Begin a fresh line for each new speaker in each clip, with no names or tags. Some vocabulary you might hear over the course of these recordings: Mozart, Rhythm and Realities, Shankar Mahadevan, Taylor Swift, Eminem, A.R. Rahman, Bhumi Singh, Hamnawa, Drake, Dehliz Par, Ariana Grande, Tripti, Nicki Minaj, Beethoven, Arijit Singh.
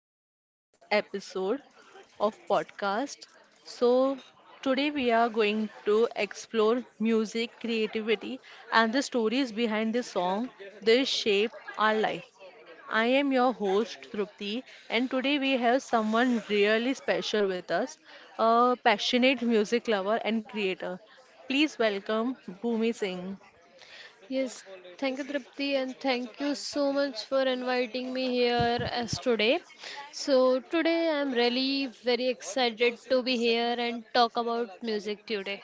next episode of podcast. So, today we are going to explore music, creativity, and the stories behind the song that shape our life. I am your host Trupti, and today we have someone really special with us, a passionate music lover and creator. Please welcome Bhumi Singh.
Yes, thank you, Tripti, and thank you so much for inviting me here as today. So today I'm really very excited to be here and talk about music today.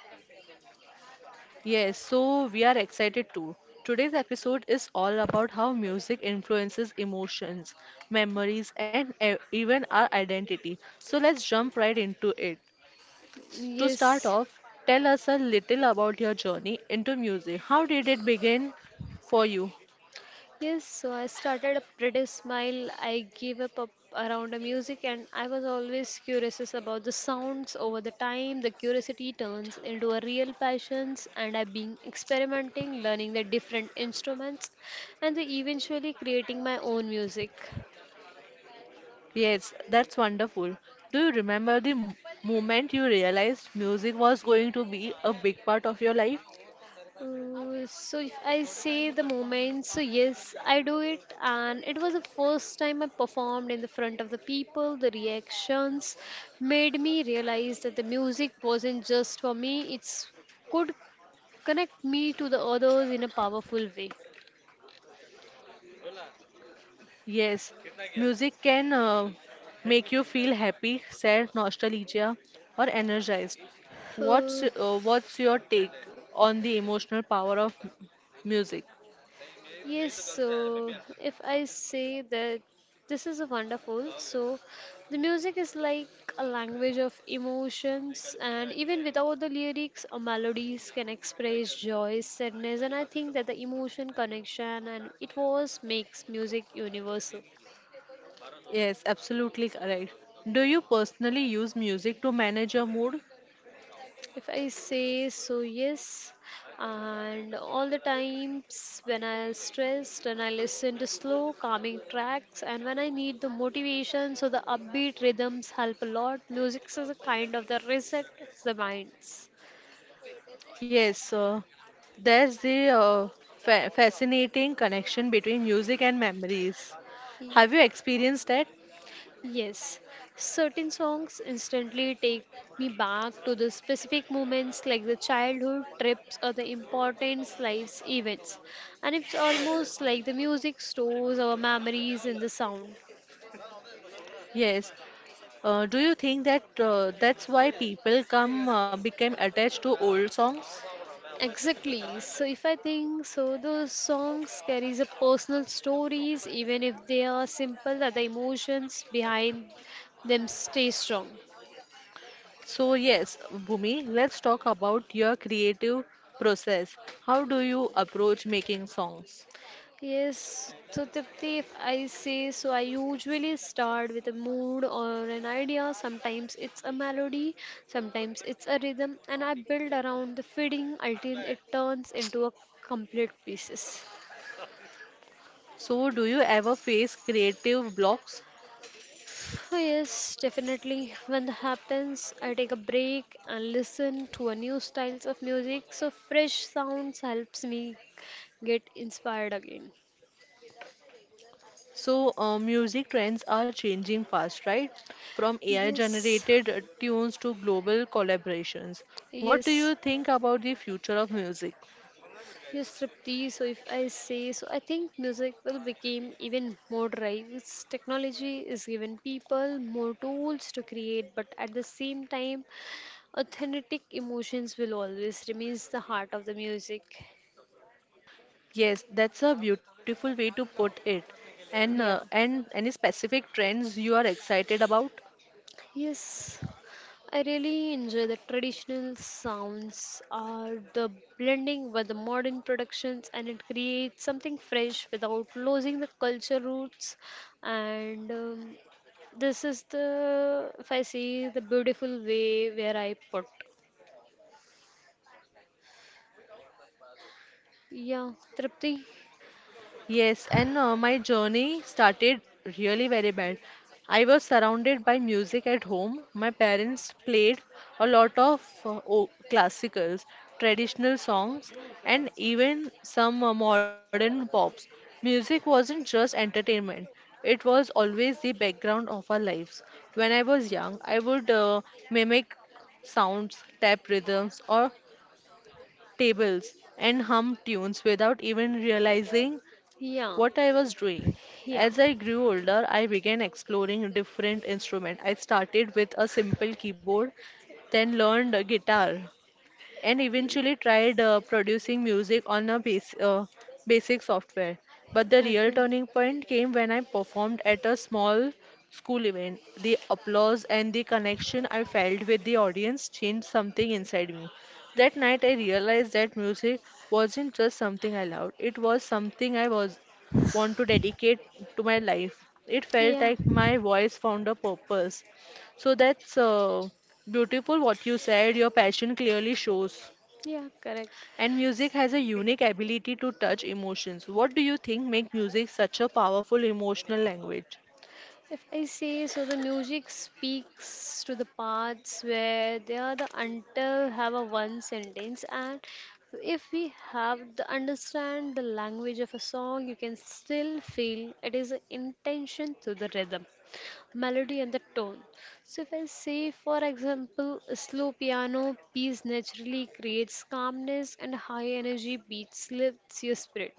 Yes, so we are excited too. Today's episode is all about how music influences emotions, memories, and even our identity. So let's jump right into it. To start
Yes,
off, tell us a little about your journey into music. How did it begin for you?
Yes, so I started a pretty smile. I gave up around the music, and I was always curious about the sounds over the time. The curiosity turns into a real passion, and I've been experimenting, learning the different instruments, and then eventually creating my own music.
Yes, that's wonderful. Do you remember the moment you realized music was going to be a big part of your life?
So if I say the moment, so yes, I do it, and it was the first time I performed in the front of the people. The reactions made me realize that the music wasn't just for me; it's could connect me to the others in a powerful way.
Yes, music can make you feel happy, sad, nostalgia, or energized. What's uh, what's your take on the emotional power of music?
Yes, so if I say that this is a wonderful, so the music is like a language of emotions, and even without the lyrics, melodies can express joy, sadness, and I think that the emotion connection and it was makes music universal.
Yes, absolutely correct. Do you personally use music to manage your mood?
If I say so, yes. And all the times when I'm stressed and I listen to slow, calming tracks, and when I need the motivation, so the upbeat rhythms help a lot. Music is a kind of the reset of the minds.
Yes, there's the fa fascinating connection between music and memories.
Y-
Have you experienced that?
Yes, certain songs instantly take me back to the specific moments like the childhood trips or the important life's events. And it's almost like the music stores our memories in the sound.
Yes, do you think that that's why people come became attached to old songs?
Exactly. So if I think so, those songs carries a personal stories, even if they are simple, that the emotions behind them stay strong.
So yes, Bhumi, let's talk about your creative process. How do you approach making songs?
Yes, so Tipti, if I say so, I usually start with a mood or an idea. Sometimes it's a melody, sometimes it's a rhythm, and I build around the fitting until it turns into a complete pieces.
So do you ever face creative blocks?
Oh, yes, definitely. When that happens, I take a break and listen to a new styles of music. So fresh sounds helps me get inspired again.
So music trends are changing fast, right? From AI
Yes,
generated tunes to global collaborations. What do
yes,
you think about the future of music?
yes, Tripti. So if I say so, I think music will become even more drives. Technology is giving people more tools to create, but at the same time, authentic emotions will always remains the heart of the music.
Yes, that's a beautiful way to put it. And uh,
Yeah,
and any specific trends you are excited about?
yes, I really enjoy the traditional sounds or the blending with the modern productions, and it creates something fresh without losing the culture roots. And this is the, if I see, the beautiful way where I put. Yeah, Tripti.
Yes, and my journey started really very bad. I was surrounded by music at home. My parents played a lot of classicals, traditional songs, and even some modern pops. Music wasn't just entertainment, it was always the background of our lives. When I was young, I would mimic sounds, tap rhythms, or tables, and hum tunes without even realizing what
Yeah,
I was doing. As
yeah.
I grew older, I began exploring different instruments. I started with a simple keyboard, then learned a guitar, and eventually tried producing music on a basic software. But the real
Okay.
turning point came when I performed at a small school event. The applause and the connection I felt with the audience changed something inside me. That night I realized that music wasn't just something I loved, it was something I was want to dedicate to my life. It felt
Yeah,
like my voice found a purpose, so that's beautiful what you said. Your passion clearly shows.
yeah, correct.
And music has a unique ability to touch emotions. What do you think make music such a powerful emotional language?
If I say so, the music speaks to the parts where they are the until have a one sentence, and if we have the understand the language of a song, you can still feel it is an intention to the rhythm melody and the tone. So, if I say, for example, a slow piano piece naturally creates calmness and high energy beats lifts your spirit.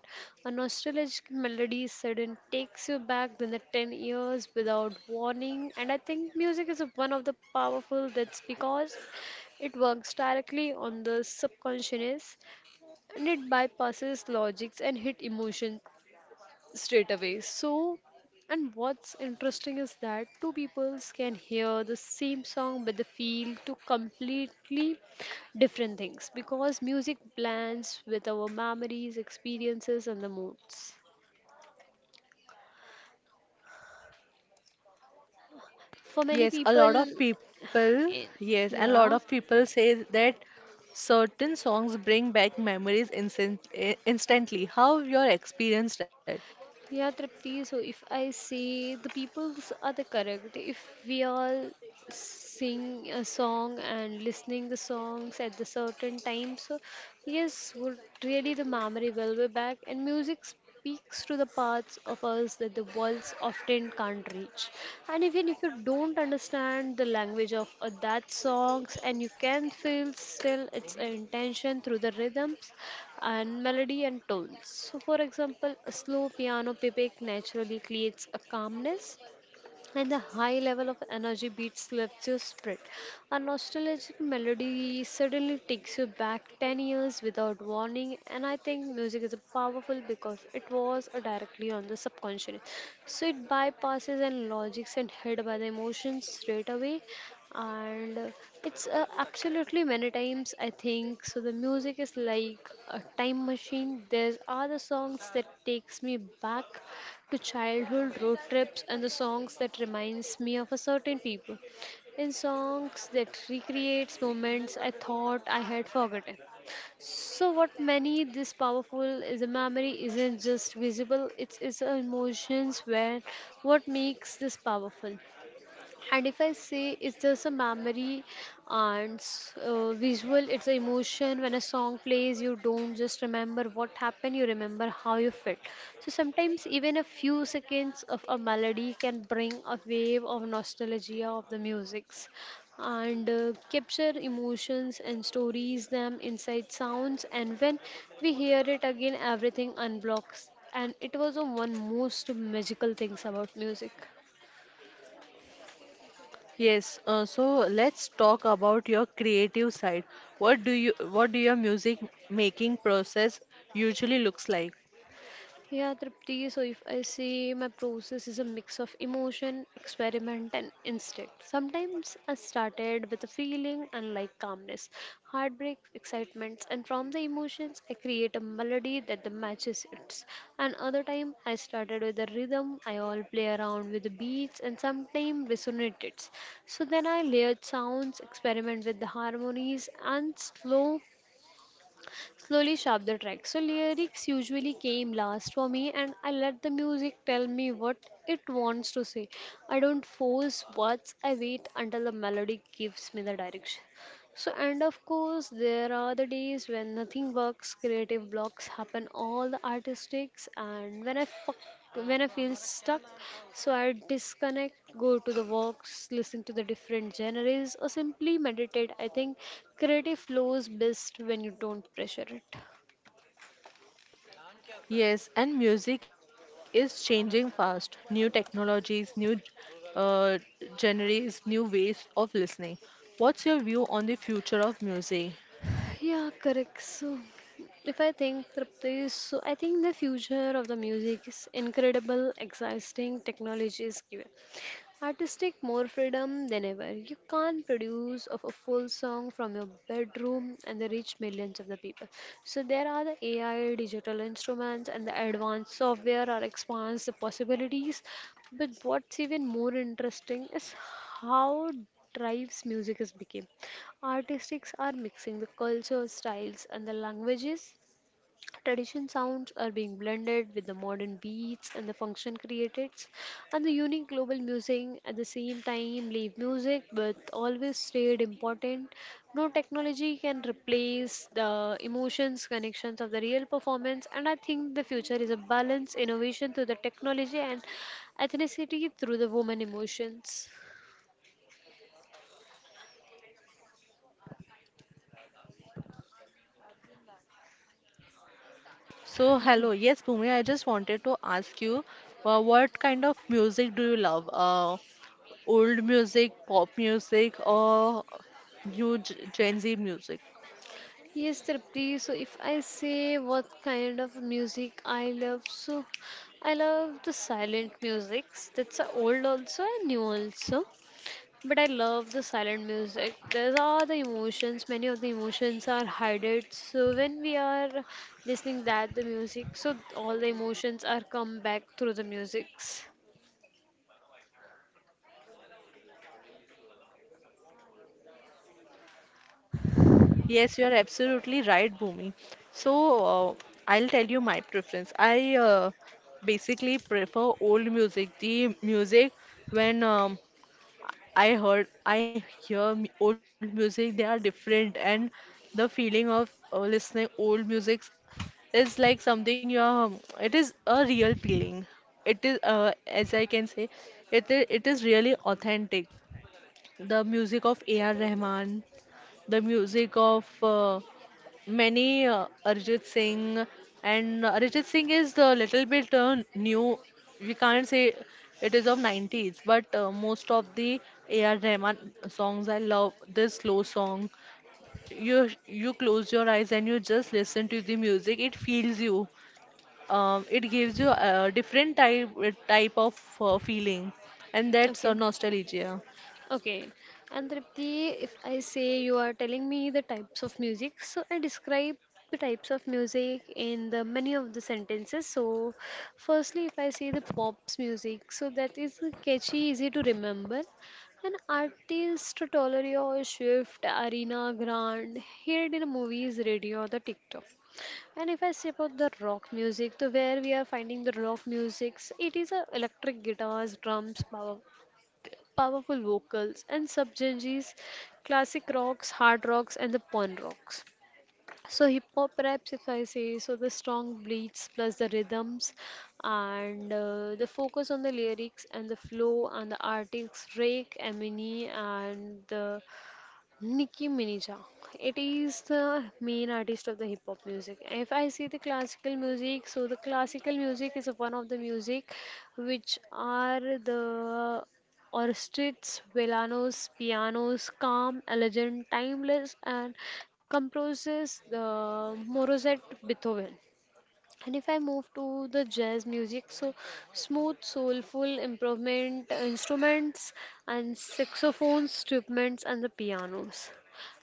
A nostalgic melody sudden takes you back than the 10 years without warning. And I think music is one of the powerful that's because it works directly on the subconscious and it bypasses logics and hit emotions straight away. So, and what's interesting is that two peoples can hear the same song but they feel two completely different things because music blends with our memories, experiences, and the moods. For many
Yes, a lot
people,
of people,
in,
yes, a lot
yeah,
of people say that certain songs bring back memories instantly. How you experienced that?
yeah, Tripti. So if I say the peoples are the correct, if we all sing a song and listening the songs at the certain time, so yes would really the memory will be back. And music speaks to the parts of us that the words often can't reach, and even if you don't understand the language of that songs, and you can feel still its intention through the rhythms and melody and tones. So for example, a slow piano playback naturally creates a calmness, and the high level of energy beats lifts your spirit. A nostalgic melody suddenly takes you back 10 years without warning, and I think music is powerful because it was directly on the subconscious. So it bypasses and logics and hid by the emotions straight away. And it's absolutely many times I think so. The music is like a time machine. There's other songs that takes me back to childhood road trips, and the songs that reminds me of a certain people in songs that recreates moments I thought I had forgotten. So what many this powerful is a memory isn't just visible, it is emotions where what makes this powerful. And if I say it's just a memory and visual, it's an emotion. When a song plays, you don't just remember what happened, you remember how you felt. So sometimes even a few seconds of a melody can bring a wave of nostalgia of the musics, and capture emotions and stories them inside sounds, and when we hear it again everything unblocks, and it was the one most magical things about music.
Yes, so let's talk about your creative side. What do your music making process usually looks like?
Yeah, Tripti, so if I say my process is a mix of emotion, experiment, and instinct. Sometimes I started with a feeling and like calmness, heartbreak, excitement, and from the emotions, I create a melody that the matches it. And other time, I started with a rhythm, I all play around with the beats, and sometimes resonated. So then I layered sounds, experiment with the harmonies, and slowly sharp the track. So lyrics usually came last for me, and I let the music tell me what it wants to say. I don't force words, I wait until the melody gives me the direction. So and of course there are the days when nothing works, creative blocks happen all the artistics, and when I feel stuck, so I disconnect, go to the walks, listen to the different genres, or simply meditate. I think creative flows best when you don't pressure it.
Yes, and music is changing fast. New technologies, new uh, genres, new ways of listening. What's your view on the future of music?
Yeah, correct. So, if I think Tripti, so I think the future of the music is incredible, exciting technology is given. Artistic more freedom than ever. You can't produce of a full song from your bedroom and they reach millions of the people. So there are the AI, digital instruments, and the advanced software are expands the possibilities. But what's even more interesting is how drives music has become. Artistics are mixing the culture, styles, and the languages. Tradition sounds are being blended with the modern beats and the function created and the unique global music at the same time live music but always stayed important. No technology can replace the emotions, connections of the real performance, and I think the future is a balance, innovation through the technology and ethnicity through the woman emotions.
So, hello. Yes, Bhumi, I just wanted to ask you, what kind of music do you love? Old music, pop music, or new Gen Z music?
Yes, Tripti. So if I say what kind of music I love, so I love the silent musics. That's a old also and new also. But I love the silent music. These are the emotions. Many of the emotions are hidden. So when we are listening that the music, so all the emotions are come back through the musics.
Yes, you are absolutely right, Bhumi. So, uh, I'll tell you my preference. I basically prefer old music, the music when I hear old music, they are different, and the feeling of listening old music is like something you are, it is a real feeling. It is, as I can say, it is really authentic. The music of A.R. Rahman, the music of many Arijit Singh, and Arijit Singh is a little bit new. We can't say it is of 90s, but most of the AR Rahman songs, I love this slow song. You close your eyes and you just listen to the music. It feels you. It gives you a different type of feeling, and that's
Okay.
nostalgia.
Okay, and Tripti, if I say you are telling me the types of music, so I describe the types of music in the many of the sentences. So, firstly, if I say the pop's music, so that is catchy, easy to remember. An artist, Tolerio, Swift, Arena Grande, heard in movies, radio, or the TikTok. And if I say about the rock music, so where we are finding the rock music, it is a electric guitars, drums, powerful vocals and subgenres, classic rocks, hard rocks, and the punk rocks. So hip hop raps, if I say, so the strong beats plus the rhythms, and the focus on the lyrics and the flow and the artists Drake, Eminem, and the Nicki Minaj. Ah. It is the main artist of the hip hop music. If I see the classical music, so the classical music is one of the music which are the orchestras, villanos, pianos, calm, elegant, timeless, and composes the Mozart, Beethoven. And if I move to the jazz music, so smooth, soulful improvement instruments and saxophones, instruments and the pianos.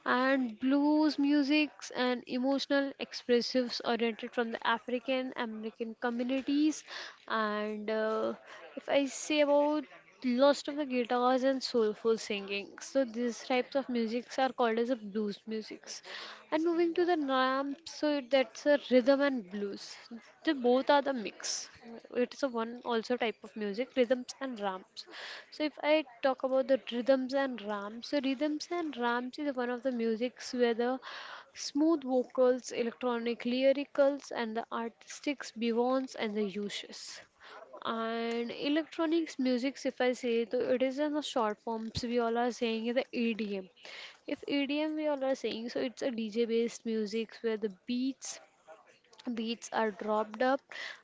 And blues musics and emotional expressives oriented from the African American communities. And if I say about lots of the guitars and soulful singing, so these types of musics are called as a blues musics. And moving to the ramp, so that's a rhythm and blues. They both are the mix. It is a one also type of music, rhythms and ramps. So if I talk about the rhythms and ramps, so rhythms and ramps is one of the musics where the smooth vocals, electronic lyricals, and the artistics beyonds and the uses. And electronics music, if I say, though it is in the short forms we all are saying is the EDM. If EDM we all are saying, so it's a DJ based music where the beats are dropped up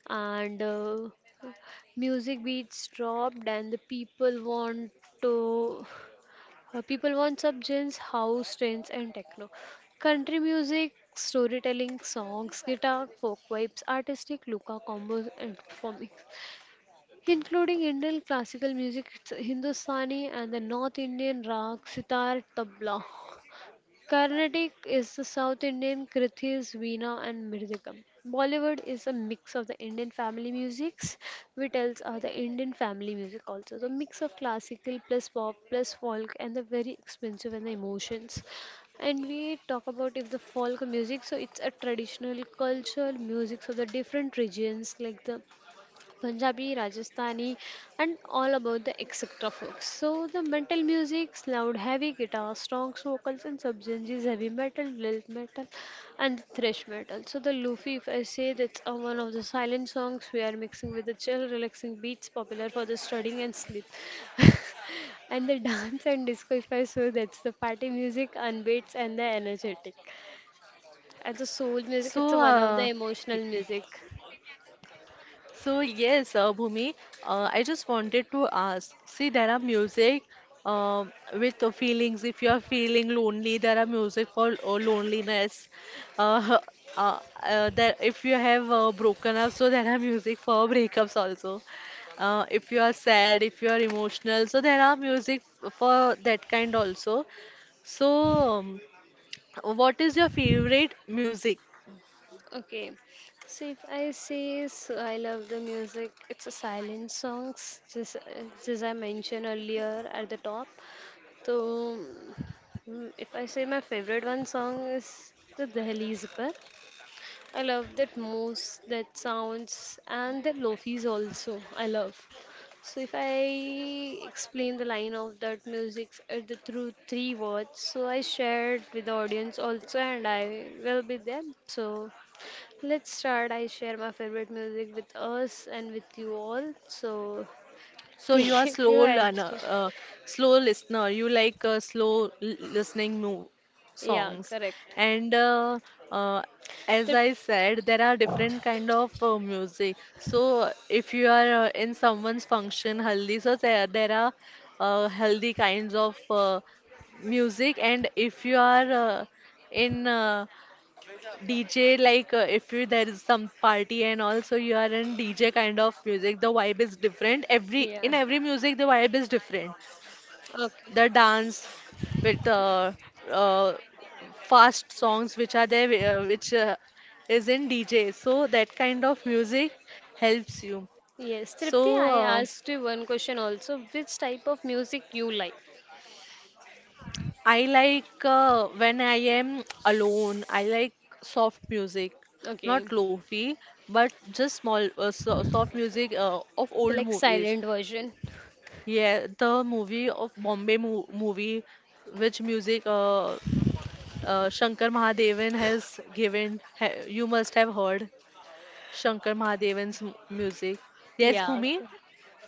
and music beats dropped and the people want to people want subgenres, house, trance and techno. Country music, storytelling, songs, guitar, folk vibes, artistic, luka combos and performing including Indian classical music, it's Hindustani and the North Indian rag, sitar, tabla. Carnatic is the South Indian krithis, veena, and mridangam. Bollywood is a mix of the Indian family musics. Vitals are the Indian family music also. The mix of classical plus pop plus folk and the very expensive and the emotions. And we talk about if the folk music, so it's a traditional cultural music of the different regions like the Punjabi, Rajasthani, and all about the etc. folks. So the metal music, loud heavy guitar, strong vocals and subgenres, heavy metal, lilt metal, and thrash metal. So the Luffy, if I say that's one of the silent songs we are mixing with the chill, relaxing beats popular for the studying and sleep. And the dance and disco, if I say that's the party music, and beats and the energetic. And the soul music, it's
So
one of
uh,
the emotional music.
So yes, Bhumi, I just wanted to ask. See, there are music with the feelings. If you are feeling lonely, there are music for loneliness. Uh, that if you have broken up, so there are music for breakups also. If you are sad, if you are emotional, so there are music for that kind also. So, what is your favorite music?
Okay, so if I say so I love the music, it's a silent songs, just as I mentioned earlier at the top. So if I say my favorite one song is the Dehliz Par. I love that most that sounds and the lofis also I love. So if I explain the line of that music the through three words, so I shared with the audience also, and I will be there. So let's start. I share my favorite music with us and with you all. So
So you
take
are
it your
slow learner,
answer.
slow listener. You like slow listening mo
Yeah,
songs,
correct.
and uh, as
Trip-
I said, there are different kind of music. So if you are in someone's function, haldi, so there are healthy kinds of music, and if you are in DJ, like if you, there is some party and also you are in DJ kind of music, the vibe is different. Every
yeah.
in every music, the vibe is different.
Okay.
The dance with uh, fast songs which are there, which is in DJ. So that kind of music helps you.
Yes, Tripti,
So
I asked you one question also. Which type of music you like?
I like when I am alone, I like soft music, not
Okay.
lofi, but just small soft music of
The
old
like
movies.
silent version.
Yeah, the movie of Bombay mo movie, which music Shankar Mahadevan has given, ha you must have heard Shankar Mahadevan's m music. Yes,
Yeah,
Bhumi?
correct.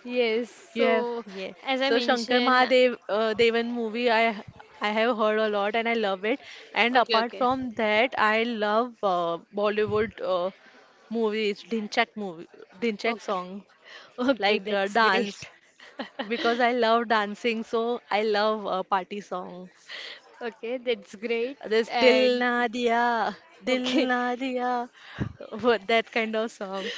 Yes.
You have,
So
yes.
as I
So Shankar
mentioned,
Mahadev Devan movie I have heard a lot and I love it. And
okay,
apart
okay,
from that, I love Bollywood movies, Dhinchak movie, Dhinchak
okay,
song
okay,
like
that's great.
dance because I love dancing. So I love party songs.
Okay, that's great.
This Dil
And
Na Diya, Dil
okay,
Na Diya, that kind of song.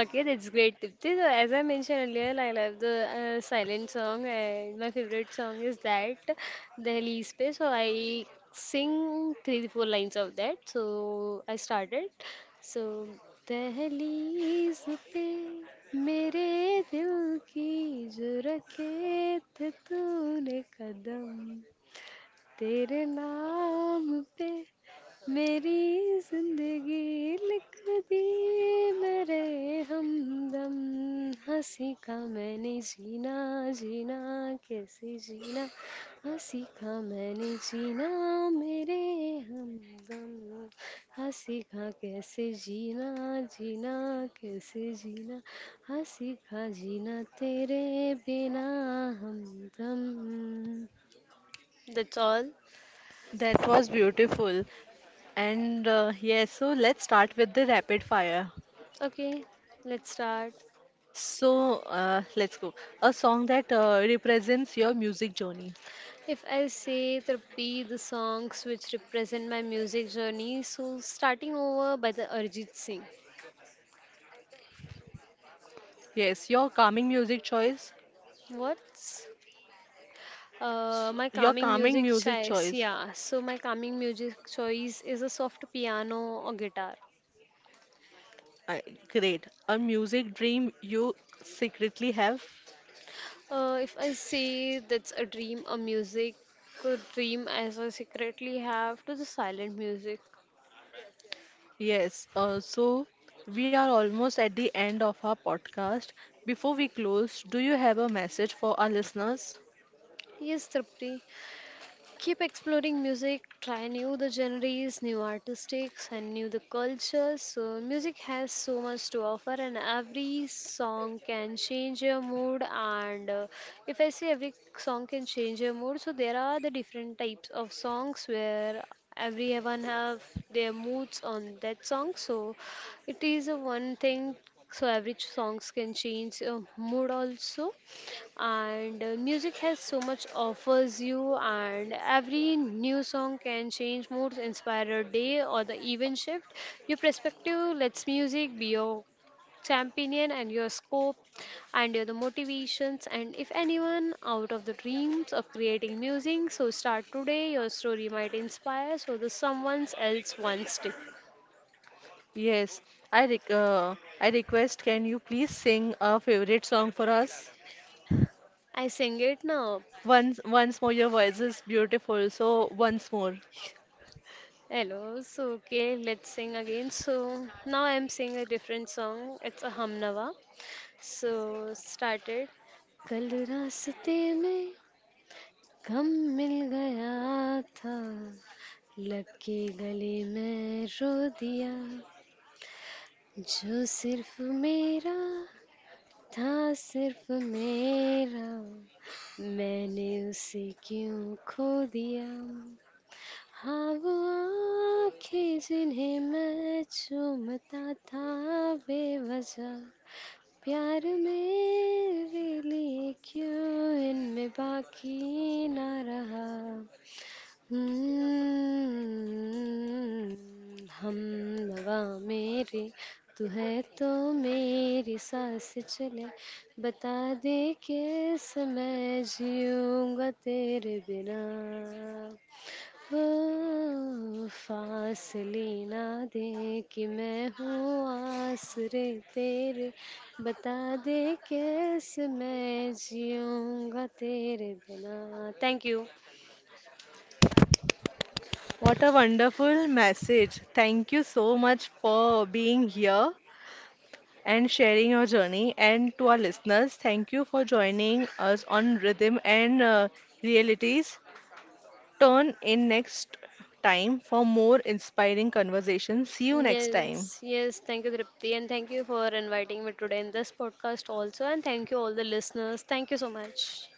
okay, that's great tip. This, as I mentioned earlier, I love the silent song, and my favorite song is that, the Space. So I sing three to four lines of that. So I started. So दहलीज पे मेरे दिल की जो रखे थे तूने कदम तेरे नाम पे मेरी जिंदगी लिख दी मेरे हमदम हंसी का मैंने जीना जीना कैसे जीना हंसी का मैंने जीना मेरे हमदम हंसी का कैसे जीना जीना कैसे जीना हंसी का जीना तेरे बिना हमदम. That's all.
That was beautiful. And Yes, so let's start with the rapid fire.
Okay, let's start.
So let's go. A song that represents your music journey.
If I say Trappi, the songs which represent my music journey, so starting over by the Arjit Singh.
Yes, your calming music choice.
What's
S Your
my
calming
calming
music
music
choice.
choice? Yeah, so my calming music choice is a soft piano or guitar.
Uh, Great. A music dream you secretly have.
If I say that's a dream, a music, a dream as I secretly have to the silent music.
Yes. So we are almost at the end of our podcast. Before we close, do you have a message for our listeners?
Yes, Tripti. Keep exploring music, try new the genres, new artistics and new the cultures. So music has so much to offer and every song can change your mood and if I say every song can change your mood, so there are the different types of songs where everyone have their moods on that song so it is a one thing so every songs can change mood also and music has so much offers you and every new song can change moods inspire a day or the even shift your perspective. Let's music be your champion and your scope and your the motivations and if anyone out of the dreams of creating music so start today your story might inspire so the someone else wants to
Yes. I request, can you please sing a favorite song for us?
I sing it now.
Once, once more, your voice is beautiful. So, once more.
Hello, so okay, let's sing again. So now I'm singing a different song. It's a Hamnawa. So started. कल रास्ते में गम मिल गया था लग के गले मैं रो दिया जो सिर्फ मेरा था सिर्फ मेरा मैंने उसे क्यों खो दिया हाँ वो आँखें जिन्हें मैं चूमता था बेवजह प्यार मेरे लिए क्यों इनमें बाकी ना रहा हम्म, हम नवा मेरे तू है तो मेरी सांस चले बता दे कैसे मैं जीऊँगा तेरे बिना ओ, फासले ना दे कि मैं हूँ आसरे तेरे बता दे कैसे मैं जीऊँगा तेरे बिना thank you.
What a wonderful message. Thank you so much for being here and sharing your journey. And to our listeners, thank you for joining us on Rhythm and Realities. Turn in next time for more inspiring conversations. See you next
Yes,
time.
yes, thank you, Dripti, and thank you for inviting me today in this podcast also. And thank you, all the listeners. Thank you so much.